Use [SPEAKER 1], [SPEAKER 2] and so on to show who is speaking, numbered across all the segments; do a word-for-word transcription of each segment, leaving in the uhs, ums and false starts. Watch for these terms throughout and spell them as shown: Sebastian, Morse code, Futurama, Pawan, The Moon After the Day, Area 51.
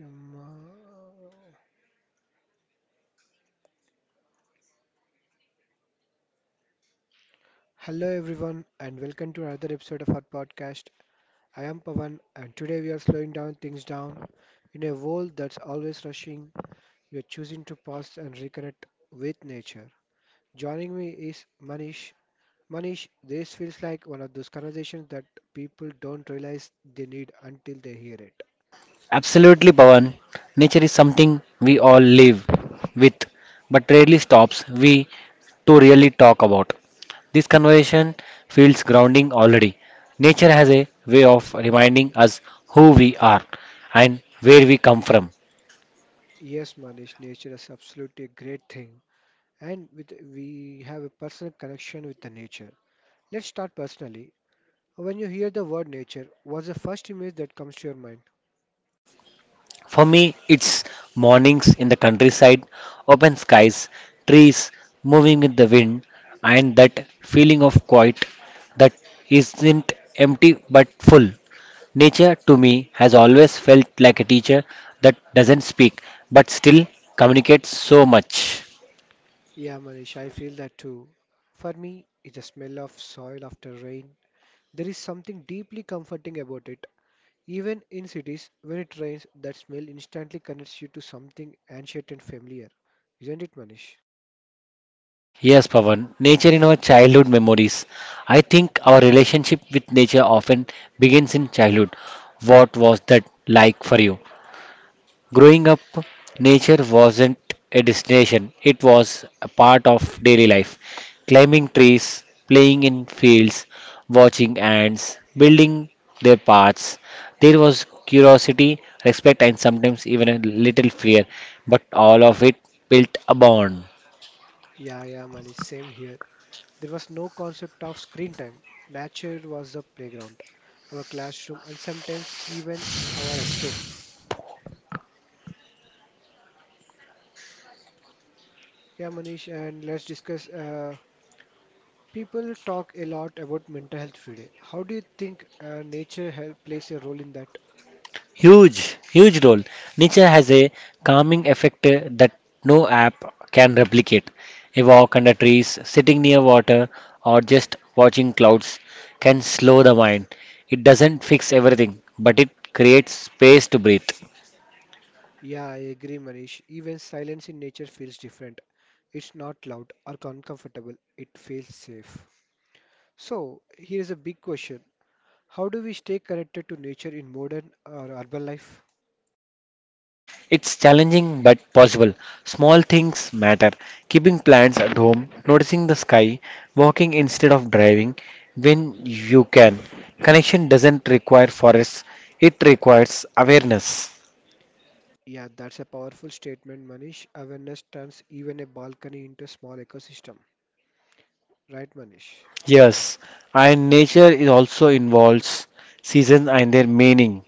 [SPEAKER 1] Um, uh, Hello everyone and welcome to another episode of our podcast. I am Pavan and today we are slowing down things down in a world that's always rushing. We are choosing to pause and reconnect with nature. Joining me is Manish. Manish, this feels like one of those conversations that people don't realize they need until they hear it.
[SPEAKER 2] Absolutely, Pawan. Nature is something we all live with, but rarely stops we to really talk about. This conversation feels grounding already. Nature has a way of reminding us who we are and where we come from.
[SPEAKER 1] Yes, Manish, nature is absolutely a great thing and with we have a personal connection with the nature. Let's start personally. When you hear the word nature, what's the first image that comes to your mind?
[SPEAKER 2] For me, it's mornings in the countryside, open skies, trees moving with the wind, and that feeling of quiet that isn't empty but full. Nature to me has always felt like a teacher that doesn't speak but still communicates so much.
[SPEAKER 1] Yeah, Manish, I feel that too. For me, it's the smell of soil after rain. There is something deeply comforting about it. Even in cities, when it rains, that smell instantly connects you to something ancient and familiar. Isn't it, Manish?
[SPEAKER 2] Yes, Pavan, nature in our childhood memories. I think our relationship with nature often begins in childhood. What was that like for you? Growing up, nature wasn't a destination, it was a part of daily life. Climbing trees, playing in fields, watching ants, building their paths. There was curiosity, respect, and sometimes even a little fear, but all of it built a bond.
[SPEAKER 1] Yeah, yeah, Manish, same here. There was no concept of screen time. Nature was the playground, our classroom, and sometimes even our escape. Yeah, Manish, and let's discuss uh, people talk a lot about mental health today. How do you think uh, nature help plays a role in that?
[SPEAKER 2] Huge, huge role. Nature has a calming effect uh, that no app can replicate. A walk under trees, sitting near water, or just watching clouds can slow the mind. It doesn't fix everything, but it creates space to breathe.
[SPEAKER 1] Yeah, I agree, Manish. Even silence in nature feels different. It's not loud or uncomfortable. It feels safe. So, here is a big question. How do we stay connected to nature in modern or urban life?
[SPEAKER 2] It's challenging but possible. Small things matter. Keeping plants at home, noticing the sky, walking instead of driving when you can. Connection doesn't require forests, it requires awareness.
[SPEAKER 1] Yeah, that's a powerful statement, Manish. Awareness turns even a balcony into a small ecosystem. Right, Manish?
[SPEAKER 2] Yes, and nature is also involves seasons and their meaning.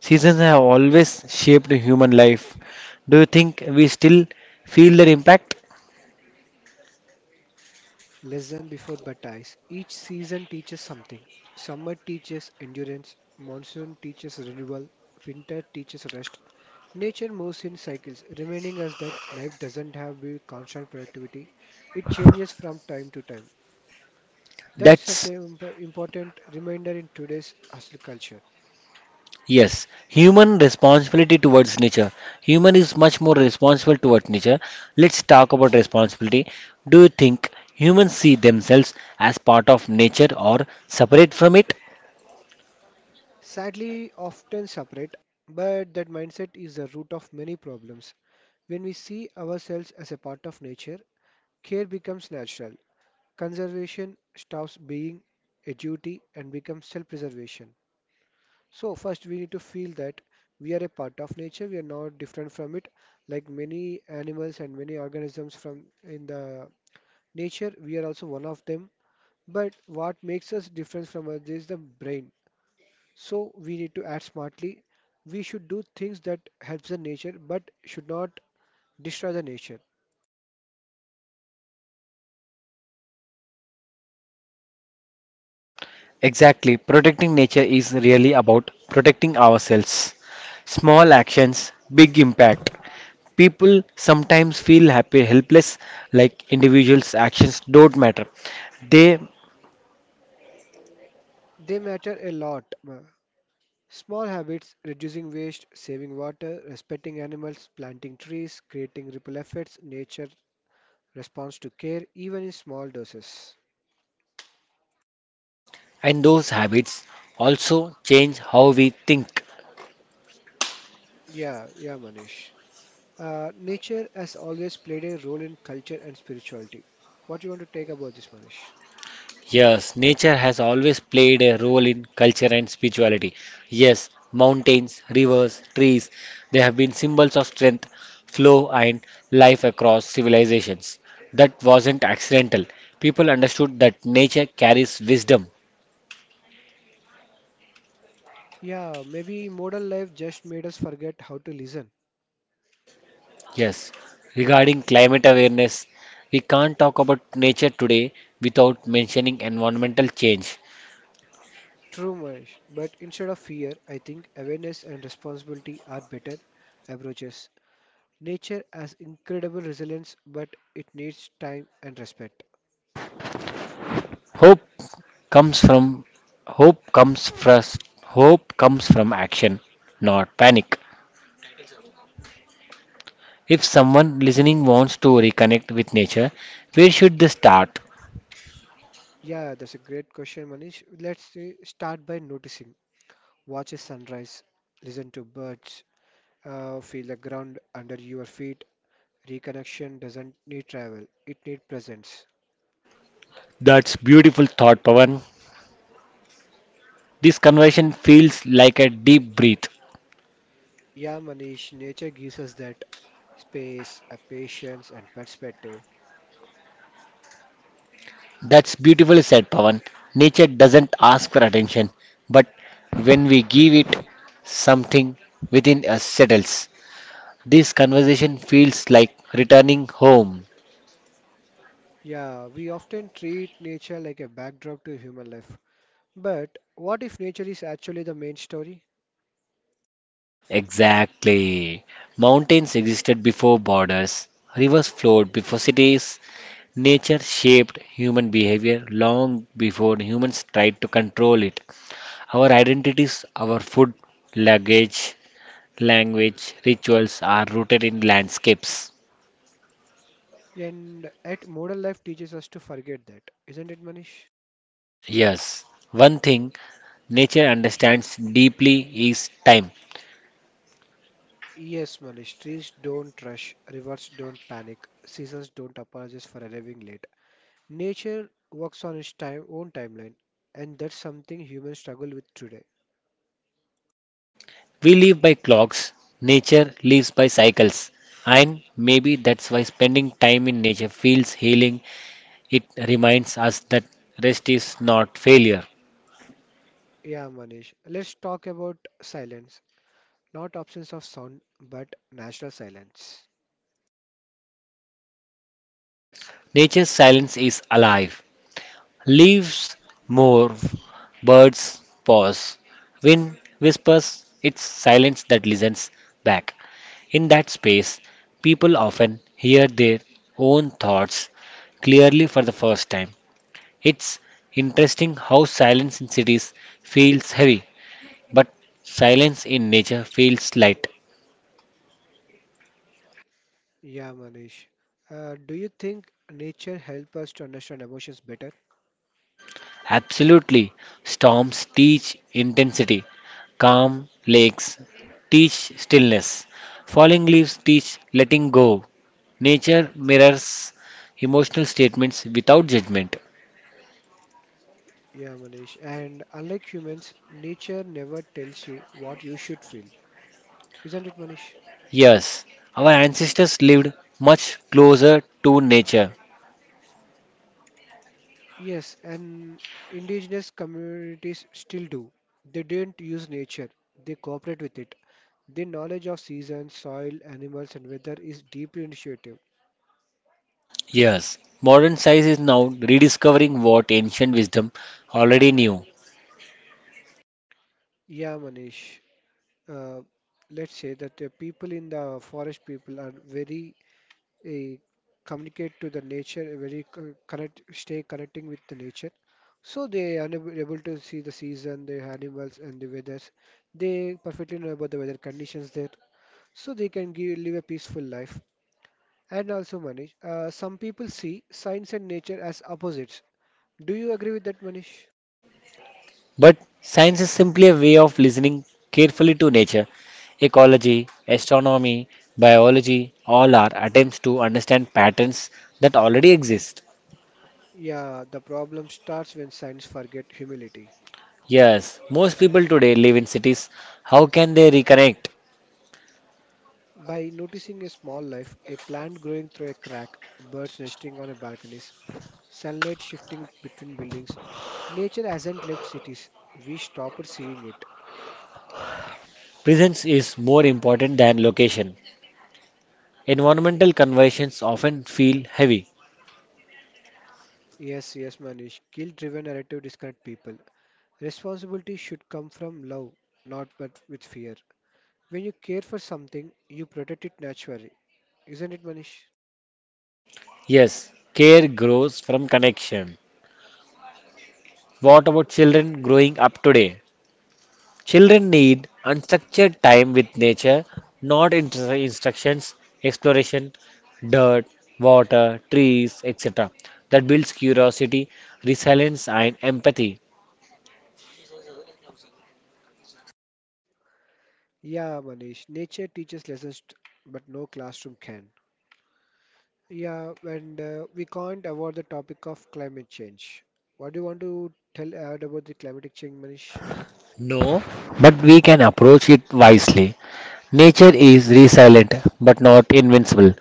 [SPEAKER 2] Seasons have always shaped human life. Do you think we still feel their impact?
[SPEAKER 1] Less than Before but Baptize. Each season teaches something. Summer teaches endurance, monsoon teaches renewal, winter teaches rest. Nature moves in cycles, reminding us that life doesn't have be constant productivity. It changes from time to time. That's such
[SPEAKER 2] That's
[SPEAKER 1] an imp- important reminder in today's hustle culture.
[SPEAKER 2] yes. Human responsibility towards nature. Human is much more responsible towards nature. Let's talk about responsibility. Do you think humans see themselves as part of nature or separate from it?
[SPEAKER 1] Sadly, often separate, but that mindset is the root of many problems. When we see ourselves as a part of nature, care becomes natural. Conservation stops being a duty and becomes self preservation. So, first, we need to feel that we are a part of nature, we are not different from it. Like many animals and many organisms from in the nature, we are also one of them. But what makes us different from others is the brain. So, we need to act smartly. We should do things that helps the nature but should not destroy the nature.
[SPEAKER 2] Exactly. Protecting nature is really about protecting ourselves. Small actions, big impact. People sometimes feel happy, helpless, like individuals' actions don't matter. They
[SPEAKER 1] They matter a lot. uh, Small habits, reducing waste, saving water, respecting animals, planting trees, creating ripple effects, nature responds to care, even in small doses.
[SPEAKER 2] and those habits also change how we think.
[SPEAKER 1] Yeah, yeah, Manish. Uh, nature has always played a role in culture and spirituality. What do you want to take about this, Manish?
[SPEAKER 2] Yes, nature has always played a role in culture and spirituality. Yes, mountains, rivers, trees, they have been symbols of strength, flow, and life across civilizations. That wasn't accidental. People understood that nature carries wisdom.
[SPEAKER 1] Yeah, maybe modern life just made us forget how to listen.
[SPEAKER 2] Yes, regarding climate awareness, we can't talk about nature today without mentioning environmental change.
[SPEAKER 1] True, Manish. But instead of fear, I think awareness and responsibility are better approaches. Nature has incredible resilience, but it needs time and respect.
[SPEAKER 2] Hope comes from Hope comes first. Hope comes from action, not panic. If someone listening wants to reconnect with nature, where should they start?
[SPEAKER 1] Yeah, that's a great question, Manish. Let's say start by noticing. Watch a sunrise, listen to birds, uh, feel the ground under your feet. Reconnection doesn't need travel, it needs presence.
[SPEAKER 2] That's beautiful thought, Pavan. This conversation feels like a deep breath.
[SPEAKER 1] Yeah, Manish, nature gives us that space, a patience, and perspective.
[SPEAKER 2] That's beautifully said, Pavan. Nature doesn't ask for attention, but when we give it, something within us settles. This conversation feels like returning home.
[SPEAKER 1] Yeah, we often treat nature like a backdrop to human life. But what if nature is actually the main story?
[SPEAKER 2] Exactly. Mountains existed before borders, rivers flowed before cities, nature shaped human behavior long before humans tried to control it. Our identities, our food, luggage, language, rituals are rooted in landscapes.
[SPEAKER 1] And at modern life teaches us to forget that, isn't it, Manish?
[SPEAKER 2] Yes, one thing nature understands deeply is time.
[SPEAKER 1] Yes, Manish. Trees don't rush, rivers don't panic, seasons don't apologize for arriving late. Nature works on its time own timeline, and that's something humans struggle with today.
[SPEAKER 2] We live by clocks, nature lives by cycles. And maybe that's why spending time in nature feels healing. It reminds us that rest is not failure.
[SPEAKER 1] Yeah, Manish. Let's talk about silence. Not absence of sound, but natural silence.
[SPEAKER 2] Nature's silence is alive. Leaves move, birds pause, wind whispers, it's silence that listens back. In that space, people often hear their own thoughts clearly for the first time. It's interesting how silence in cities feels heavy, but silence in nature feels light.
[SPEAKER 1] Yeah, Manish. Uh, do you think nature helps us to understand emotions better?
[SPEAKER 2] Absolutely. Storms teach intensity. Calm lakes teach stillness. Falling leaves teach letting go. Nature mirrors emotional statements without judgment.
[SPEAKER 1] Yeah, Manish. And unlike humans, nature never tells you what you should feel. Isn't it, Manish?
[SPEAKER 2] Yes, our ancestors lived much closer to nature.
[SPEAKER 1] Yes, and indigenous communities still do. They didn't use nature, they cooperate with it. Their knowledge of seasons, soil, animals, and weather is deeply intuitive.
[SPEAKER 2] Yes, modern science is now rediscovering what ancient wisdom already knew.
[SPEAKER 1] Yeah, Manish. Uh, let's say that the people in the forest people are very eh, communicate to the nature, eh, very co- connect, stay connecting with the nature. So they are unab- able to see the season, the animals, and the weathers. They perfectly know about the weather conditions there, so they can give, live a peaceful life. And also, Manish, uh, some people see science and nature as opposites. Do you agree with that, Manish?
[SPEAKER 2] But science is simply a way of listening carefully to nature. Ecology, astronomy, biology, all are attempts to understand patterns that already exist.
[SPEAKER 1] Yeah, the problem starts when science forget humility.
[SPEAKER 2] Yes, most people today live in cities. How can they reconnect?
[SPEAKER 1] By noticing a small life, a plant growing through a crack, birds nesting on a balconies, sunlight shifting between buildings, nature hasn't left cities. We stopped seeing it.
[SPEAKER 2] Presence is more important than location. Environmental conversations often feel heavy.
[SPEAKER 1] Yes, yes, Manish. Guilt-driven narrative disconnect people. Responsibility should come from love, not but with fear. When you care for something, you protect it naturally. Isn't it, Manish?
[SPEAKER 2] Yes, care grows from connection. What about children growing up today? Children need unstructured time with nature, not instru- instructions, exploration, dirt, water, trees, et cetera. That builds curiosity, resilience, and empathy.
[SPEAKER 1] Yeah, Manish. Nature teaches lessons, t- but no classroom can. Yeah, and uh, we can't avoid the topic of climate change. What do you want to tell add about the climatic change, Manish?
[SPEAKER 2] No, but we can approach it wisely. Nature is resilient, but not invincible.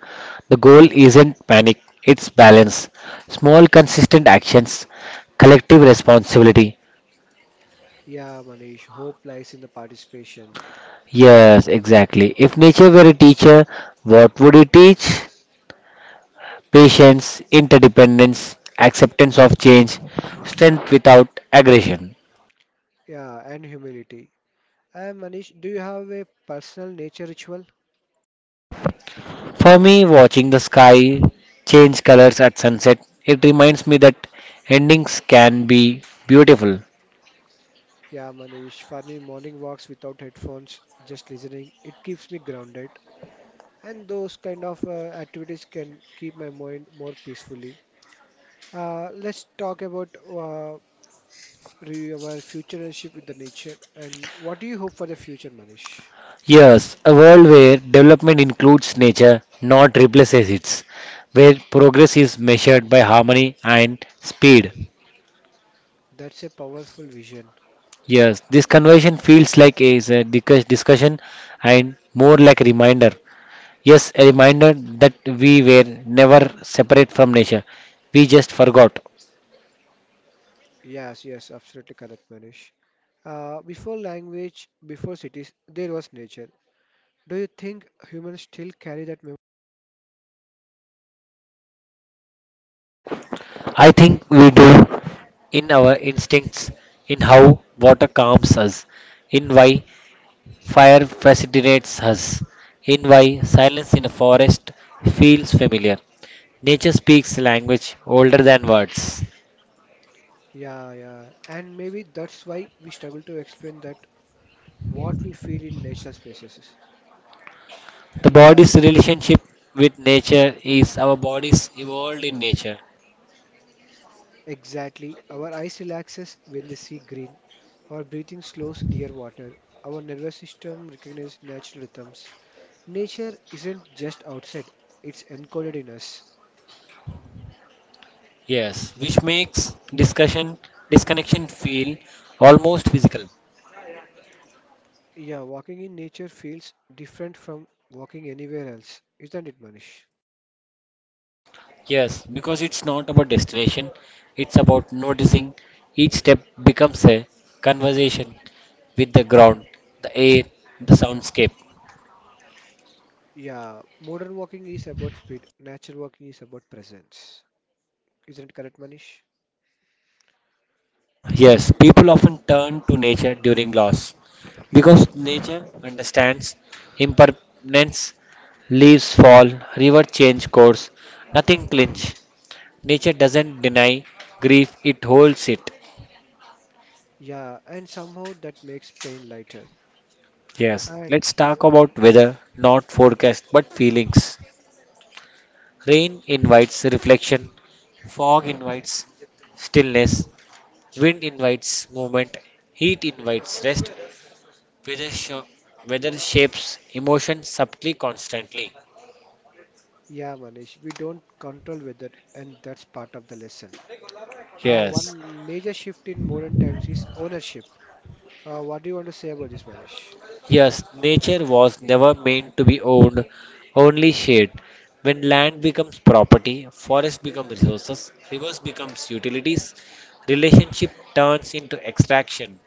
[SPEAKER 2] The goal isn't panic, it's balance. Small, consistent actions, collective responsibility.
[SPEAKER 1] Yeah, Manish, hope lies in the participation. Uh,
[SPEAKER 2] Yes, exactly. If nature were a teacher, what would it teach? Patience, interdependence, acceptance of change, strength without aggression.
[SPEAKER 1] yeah, and humility. Uh, Manish, do you have a personal nature ritual?
[SPEAKER 2] For me, watching the sky change colors at sunset, it reminds me that endings can be beautiful.
[SPEAKER 1] Yeah, Manish, for me, morning walks without headphones, just listening, it keeps me grounded. And those kind of uh, activities can keep my mind more peacefully. Uh, let's talk about uh, review our future relationship with the nature and what do you hope for the future, Manish?
[SPEAKER 2] Yes, a world where development includes nature, not replaces it, where progress is measured by harmony and speed.
[SPEAKER 1] That's a powerful vision.
[SPEAKER 2] Yes, this conversation feels like is a discuss- discussion and more like a reminder. Yes, a reminder that we were never separate from nature. We just forgot.
[SPEAKER 1] Yes, yes, absolutely correct, Manish. Uh, before language, before cities, there was nature. Do you think humans still carry that memory?
[SPEAKER 2] I think we do in our instincts, in how water calms us, in why fire fascinates us, in why silence in a forest feels familiar. Nature speaks language older than words.
[SPEAKER 1] Yeah, yeah, and maybe that's why we struggle to explain that what we feel in natural spaces.
[SPEAKER 2] The
[SPEAKER 1] Yeah,
[SPEAKER 2] body's relationship with nature is our bodies evolved in nature.
[SPEAKER 1] exactly. Our eyes relaxes when they see green. Our breathing slows near water. Our nervous system recognizes natural rhythms. Nature isn't just outside, it's encoded in us.
[SPEAKER 2] Yes, which makes discussion disconnection feel almost physical.
[SPEAKER 1] Yeah, walking in nature feels different from walking anywhere else, isn't it, Manish?
[SPEAKER 2] Yes, because it's not about destination, it's about noticing each step becomes a conversation with the ground, the air, the soundscape.
[SPEAKER 1] Yeah, modern walking is about speed, natural walking is about presence. Isn't it correct, Manish?
[SPEAKER 2] Yes, people often turn to nature during loss because nature understands impermanence, leaves fall, river change course, nothing clinch. Nature doesn't deny grief, it holds it.
[SPEAKER 1] Yeah, and somehow that makes pain lighter.
[SPEAKER 2] Yes,
[SPEAKER 1] And
[SPEAKER 2] let's talk
[SPEAKER 1] uh,
[SPEAKER 2] about weather, not forecast, but feelings. Rain invites reflection, fog invites stillness, wind invites movement, heat invites rest. Weather, sho- weather shapes emotion subtly, constantly.
[SPEAKER 1] yeah, Manish, we don't control weather, and that's part of the lesson. Uh,
[SPEAKER 2] Yes,
[SPEAKER 1] one major shift in modern times is ownership. Uh, what do you want to say about this, Manish?
[SPEAKER 2] yes, nature was never meant to be owned, only shared. When land becomes property, forests become resources, rivers becomes utilities, relationship turns into extraction.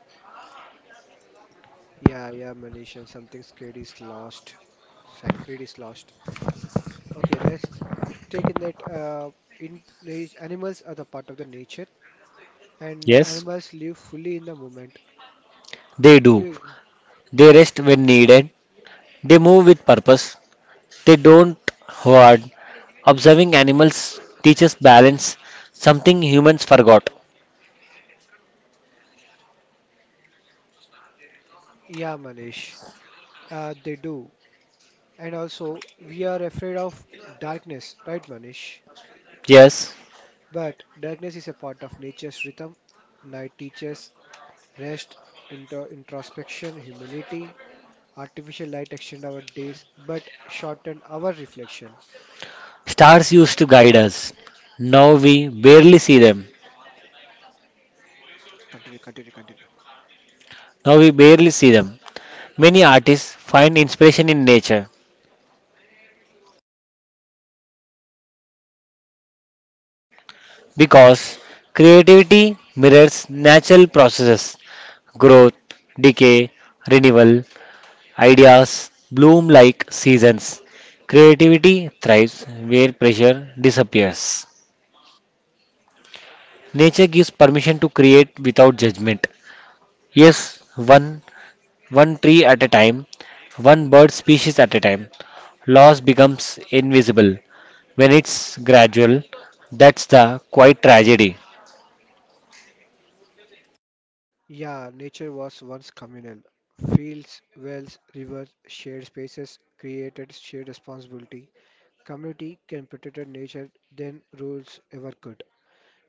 [SPEAKER 1] Yeah, yeah, Manish, and something scared is lost, sacred is lost. Okay, let's take in that uh, in nat- animals are the part of the nature, and
[SPEAKER 2] Yes,
[SPEAKER 1] animals live fully in the moment.
[SPEAKER 2] they do.
[SPEAKER 1] We-
[SPEAKER 2] They rest when needed. They move with purpose. They don't hoard. Observing animals teaches balance, something humans forgot.
[SPEAKER 1] Yeah, Manish, uh, they do. And also, we are afraid of darkness, right, Manish?
[SPEAKER 2] Yes,
[SPEAKER 1] But darkness is a part of nature's rhythm. Night teaches rest, intro introspection, humility. Artificial light extend our days, but shorten our reflection.
[SPEAKER 2] stars used to guide us. Now we barely see them.
[SPEAKER 1] Continue, continue, continue.
[SPEAKER 2] Now we barely see them. Many artists find inspiration in nature because creativity mirrors natural processes growth, decay, renewal. Ideas bloom like seasons. Creativity thrives where pressure disappears. Nature gives permission to create without judgment. Yes, one one tree at a time, one bird species at a time. Loss becomes invisible when it's gradual. That's the quiet tragedy.
[SPEAKER 1] Yeah, nature was once communal. Fields, wells, rivers, shared spaces created shared responsibility. Community can protect nature than rules ever could.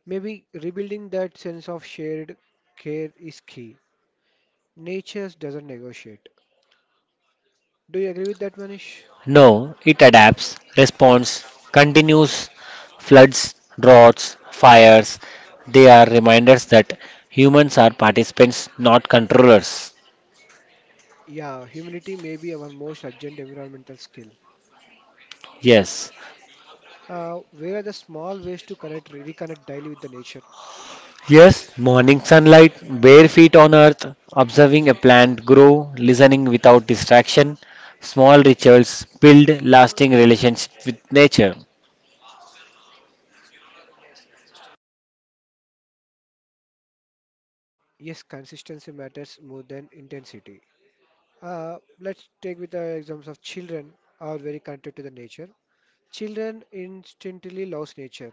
[SPEAKER 1] Maybe rebuilding that sense of shared care is key. Nature doesn't negotiate. Do you agree with that, Manish?
[SPEAKER 2] No, it adapts, responds, continues, floods, droughts, fires. They are reminders that humans are participants, not controllers.
[SPEAKER 1] Yeah, humility may be our most urgent environmental skill.
[SPEAKER 2] Yes.
[SPEAKER 1] Uh, where are the small ways to connect, reconnect daily with the nature?
[SPEAKER 2] Yes, morning sunlight, bare feet on earth, observing a plant grow, listening without distraction. Small rituals build lasting relations with nature.
[SPEAKER 1] Yes, consistency matters more than intensity. Uh, let's take with the examples of children are very connected to the nature. Children instantly loves nature,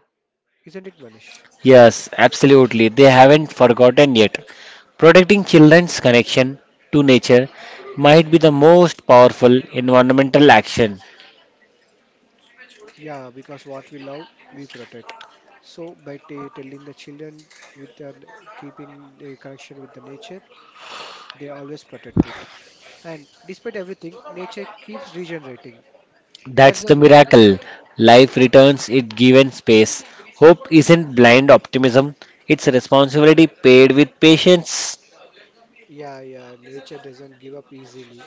[SPEAKER 1] isn't it, Manish?
[SPEAKER 2] Yes, absolutely. They haven't forgotten yet. Protecting children's connection to nature might be the most powerful environmental action.
[SPEAKER 1] Yeah, because what we love, we protect. So by t telling the children with the keeping the connection with the nature, they always protect it. And despite everything, nature keeps regenerating.
[SPEAKER 2] That's
[SPEAKER 1] That's a
[SPEAKER 2] the
[SPEAKER 1] mir-
[SPEAKER 2] miracle.
[SPEAKER 1] miracle.
[SPEAKER 2] Life returns it given space. Hope isn't blind optimism, it's a responsibility paid with patience.
[SPEAKER 1] Yeah, yeah, nature doesn't give up easily.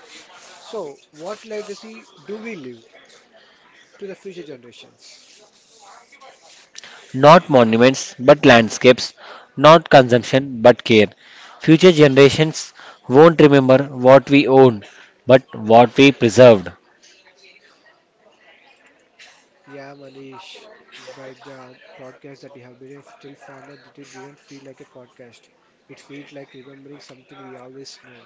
[SPEAKER 1] So, what legacy do we leave to the future generations?
[SPEAKER 2] Not monuments, but landscapes. Not consumption, but care. Future generations won't remember what we own, but what we preserved.
[SPEAKER 1] Yeah, Manish, by the podcast that you have been if till far now, it didn't feel like a podcast. It felt like remembering something we always know.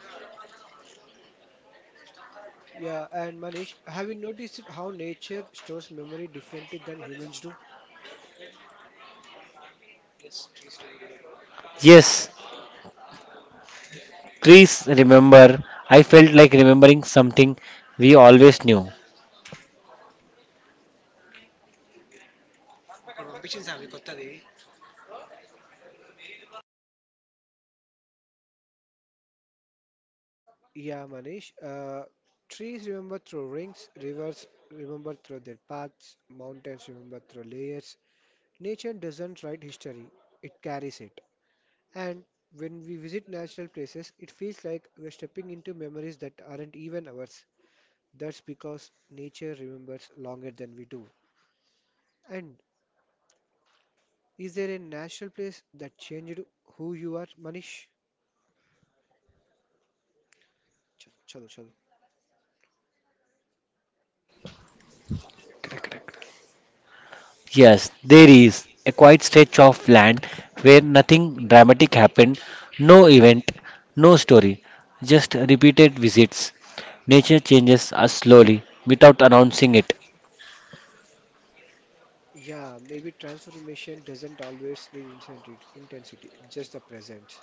[SPEAKER 1] Yeah, and Manish, have you noticed how nature stores memory differently than humans do?
[SPEAKER 2] Yes, trees remember, I felt like remembering something we always knew.
[SPEAKER 1] Yeah, Manish. Uh, trees remember through rings, rivers remember through their paths, mountains remember through layers. Nature doesn't write history, it carries it. And when we visit natural places, it feels like we're stepping into memories that aren't even ours. That's because nature remembers longer than we do. And is there a natural place that changed who you are, Manish? Ch- Chalo, chalo.
[SPEAKER 2] Yes, there is a quiet stretch of land where nothing dramatic happened, no event, no story, just repeated visits. Nature changes us slowly without announcing it.
[SPEAKER 1] Yeah, maybe transformation doesn't always need intensity, intensity, just the present.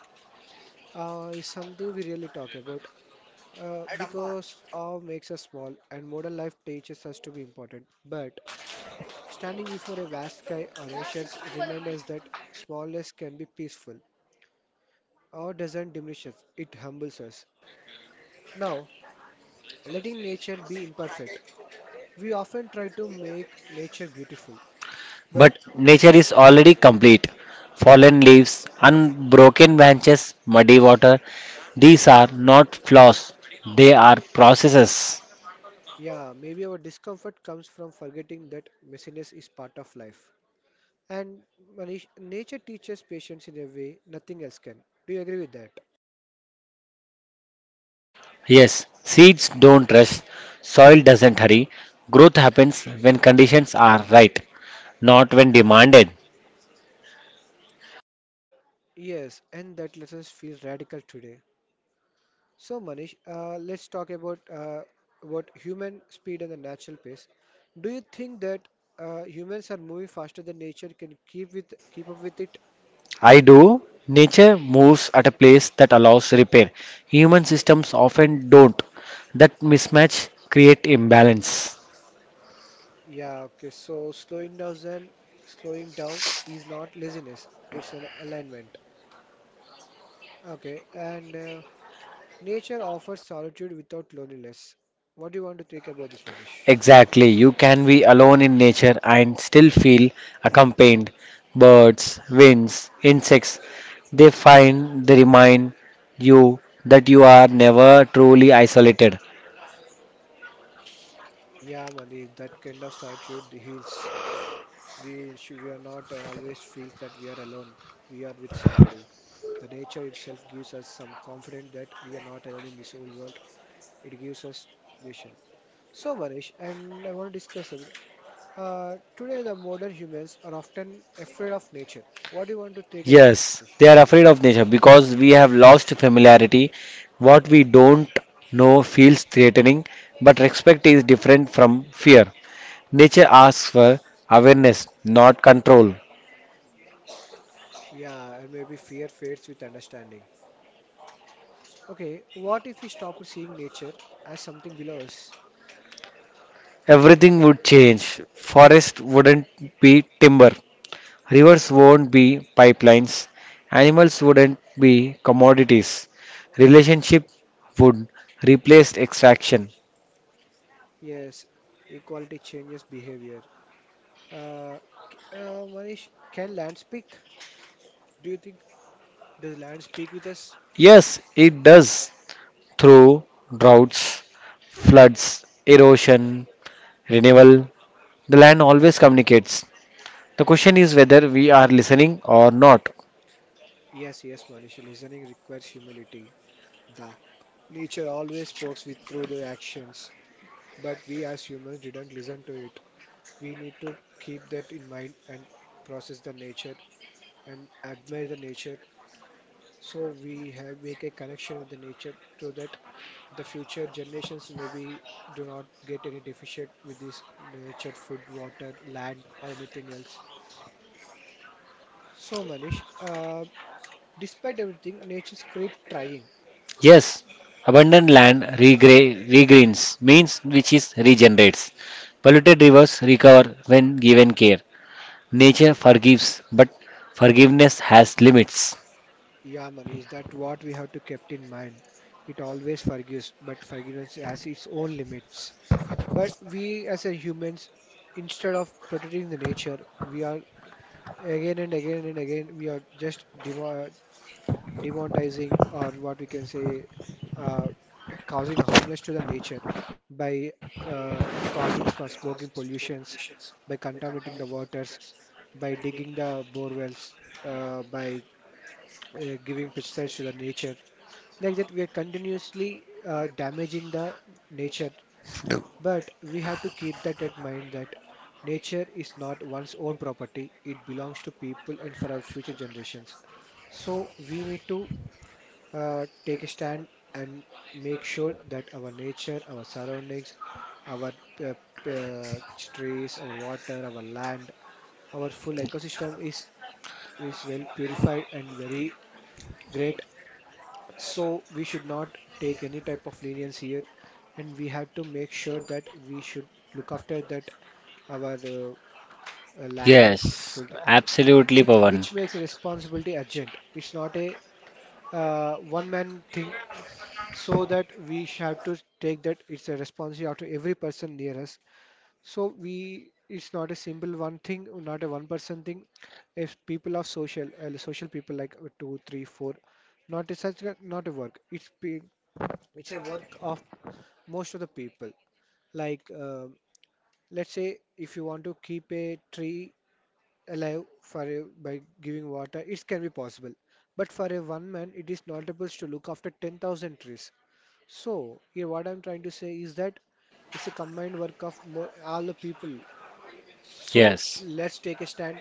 [SPEAKER 1] Uh, is something we really talk about uh, because awe makes us small and modern life teaches us to be important. But standing before a vast sky or oceans reminds us that smallness can be peaceful. Awe doesn't diminish us, it humbles us. Now, letting nature be imperfect. We often try to make nature beautiful,
[SPEAKER 2] But
[SPEAKER 1] but
[SPEAKER 2] nature is already complete.
[SPEAKER 1] yeah,
[SPEAKER 2] Fallen leaves, unbroken branches, muddy water, these are not flaws, they are processes.
[SPEAKER 1] yeah, maybe our discomfort comes from forgetting that messiness is part of life. And Manish, nature teaches patience in a way nothing else can. Do you agree with that?
[SPEAKER 2] Yes, seeds don't rush, soil doesn't hurry. Growth happens when conditions are right, not when demanded.
[SPEAKER 1] Yes, and that lesson feels radical today. So Manish, uh, let's talk about uh, about human speed and the natural pace. Do you think that uh, humans are moving faster than nature can keep with keep up with it?
[SPEAKER 2] I do. Nature moves at a pace that allows repair. Human systems often don't. That mismatch create imbalance.
[SPEAKER 1] Yeah, okay. So slowing down, and slowing down is not laziness, it's an alignment. Okay, and uh, nature offers solitude without loneliness. What do you want to think about this, Manish?
[SPEAKER 2] Exactly. You can be alone in nature and still feel accompanied. Birds, winds, insects, they find, they remind you that you are never truly isolated.
[SPEAKER 1] Yeah, Manish, that kind of solitude heals. We sh we are not uh, always feels that we are alone. We are with somebody. The nature itself gives us some confidence that we are not alone in this whole world. It gives us nation. So, Manish, and I want to discuss ab- Uh, today, the modern humans are often afraid of nature. What do you want to take about this,
[SPEAKER 2] Yes,
[SPEAKER 1] Manish?
[SPEAKER 2] they are afraid of nature because we have lost familiarity. What we don't know feels threatening, but respect is different from fear. Nature asks for awareness, not control.
[SPEAKER 1] Yeah, and maybe fear fades with understanding. Okay, what if we stop seeing nature as something below us?
[SPEAKER 2] Everything would change. Forest wouldn't be timber. Rivers won't be pipelines. Animals wouldn't be commodities. Relationship would replace extraction.
[SPEAKER 1] Yes, equality changes behavior. Uh, c- uh, Manish, can land speak? Do you think does land speak with us?
[SPEAKER 2] Yes, it does. Through droughts, floods, erosion, renewal, the land always communicates. The question is whether we are listening or not.
[SPEAKER 1] Yes, yes, Manish. Listening requires humility. The nature always speaks with through the actions, but we as humans didn't listen to it. We need to keep that in mind and process the nature and admire the nature, so we have make a connection with the nature so that the future generations maybe do not get any deficient with this nature, food, water, land, or anything else. So Manish, uh, despite everything, nature keep trying.
[SPEAKER 2] Yes, abundant land regra- regreens means which is regenerates. Polluted rivers recover when given care. Nature forgives, but forgiveness has limits.
[SPEAKER 1] Yeah Manish, that what we have to kept in mind. It always forgives, but forgiveness has its own limits. But we as a humans, instead of protecting the nature, we are again and again and again, we are just demo- demonetizing, or what we can say, uh, causing harmless to the nature by uh, causing sm- smoking pollutions, by contaminating the waters, by digging the bore wells, uh, by uh, giving pesticides to the nature. Like that, we are continuously uh, damaging the nature.
[SPEAKER 2] Yeah.
[SPEAKER 1] But we have to keep that in mind that nature is not one's own property, it belongs to people and for our future generations. So we need to uh, take a stand and make sure that our nature, our surroundings, our uh, uh, trees, our water, our land, our full ecosystem is is well purified and very great. So we should not take any type of lenience here, and we have to make sure that we should look after that our uh, uh, land,
[SPEAKER 2] Yes,
[SPEAKER 1] food,
[SPEAKER 2] absolutely,
[SPEAKER 1] it
[SPEAKER 2] Pavan.
[SPEAKER 1] which makes responsibility urgent. It's not a uh, one-man thing, so that we sh- have to take that it's a responsibility after every person near us. So we, it's not a simple one thing, not a one-person thing. If people are social, uh, social people like uh, two, three, four, not a such a, not a work. It's pe- it's a work of most of the people, like um let's say if you want to keep a tree alive for a, by giving water it can be possible, but for a one man it is not able to look after ten thousand trees. So here what I'm trying to say is that it's a combined work of more, all the people. So
[SPEAKER 2] Yes.
[SPEAKER 1] let's take a stand,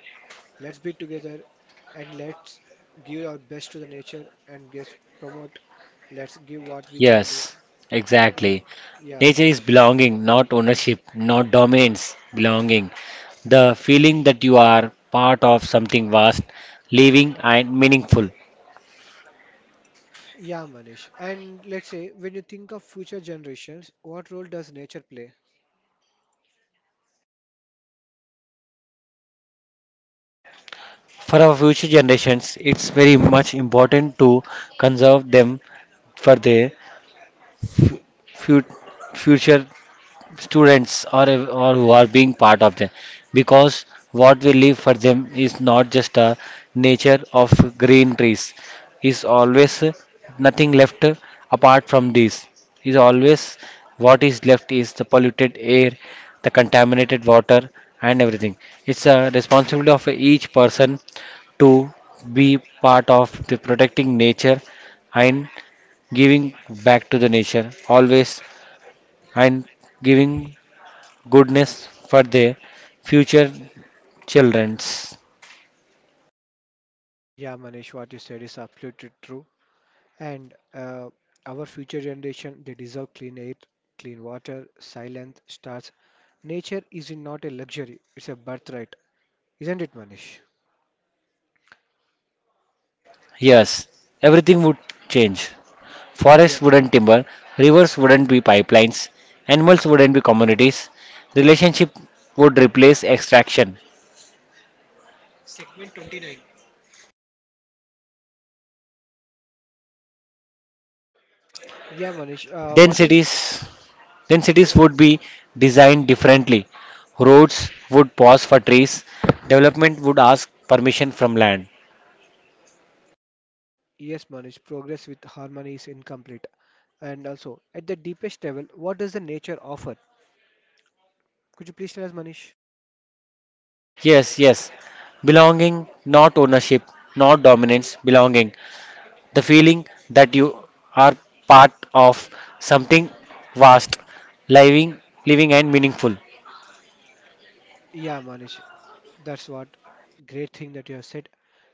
[SPEAKER 1] let's be together, and let's give our best to the nature and just promote, let's give what we can do.
[SPEAKER 2] Yes,
[SPEAKER 1] Yeah,
[SPEAKER 2] exactly.
[SPEAKER 1] yeah,
[SPEAKER 2] Nature is
[SPEAKER 1] Manish.
[SPEAKER 2] belonging, not ownership, not dominance, belonging. The feeling that you are part of something vast, living, and meaningful.
[SPEAKER 1] Yeah, Manish. And let's say, when you think of future generations, what role does nature play?
[SPEAKER 2] For our future generations, it's very much important to conserve them for their fut- future students or or who are being part of them because what we leave for them is not just a nature of green trees is always nothing left apart from this is always what is left is the polluted air the contaminated water and everything it's a responsibility of each person to be part of the protecting nature and giving back to the nature always and giving goodness for their future children's.
[SPEAKER 1] Yeah, Manish, what you said is absolutely true. And uh, our future generation, they deserve clean air, clean water, silent stars. Nature is not a luxury; it's a birthright, isn't it, Manish?
[SPEAKER 2] Yes, everything would change. Forests
[SPEAKER 1] Yeah,
[SPEAKER 2] wouldn't timber, rivers wouldn't be pipelines, animals wouldn't be communities, relationship would replace extraction.
[SPEAKER 1] yeah, Manish. Uh,
[SPEAKER 2] Then
[SPEAKER 1] what do you,
[SPEAKER 2] cities, then cities would
[SPEAKER 1] uh,
[SPEAKER 2] be designed differently. Roads would pause for trees, development would ask permission from land.
[SPEAKER 1] yes, Manish, progress with harmony is incomplete. And also, at the deepest level, what does the nature offer? Could you please tell us, Manish?
[SPEAKER 2] Yes, yes. Belonging, not ownership, not dominance, belonging. The feeling that you are part of something vast, living, living and meaningful.
[SPEAKER 1] Yeah, Manish, that's what great thing that you have said.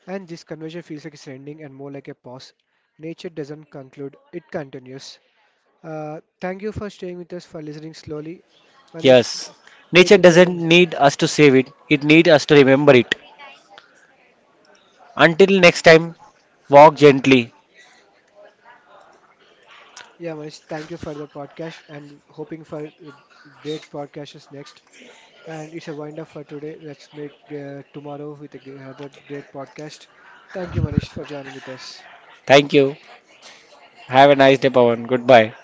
[SPEAKER 1] And this conversation feels like it's ending and more like a pause. Nature doesn't conclude, it continues. Uh, thank you for staying with us, for listening slowly. Manish,
[SPEAKER 2] Yes. Nature
[SPEAKER 1] nature
[SPEAKER 2] doesn't
[SPEAKER 1] doesn't.
[SPEAKER 2] need us to save it, it needs us to remember it. Until next time, walk gently.
[SPEAKER 1] Yeah, Manish, thank you for the podcast and hoping for uh, great podcasts next. And it's a wind up for today. Let's make uh, tomorrow with a g- another great podcast. Thank you, Manish, for joining with us.
[SPEAKER 2] Thank you. Have a nice day, Pawan. Goodbye.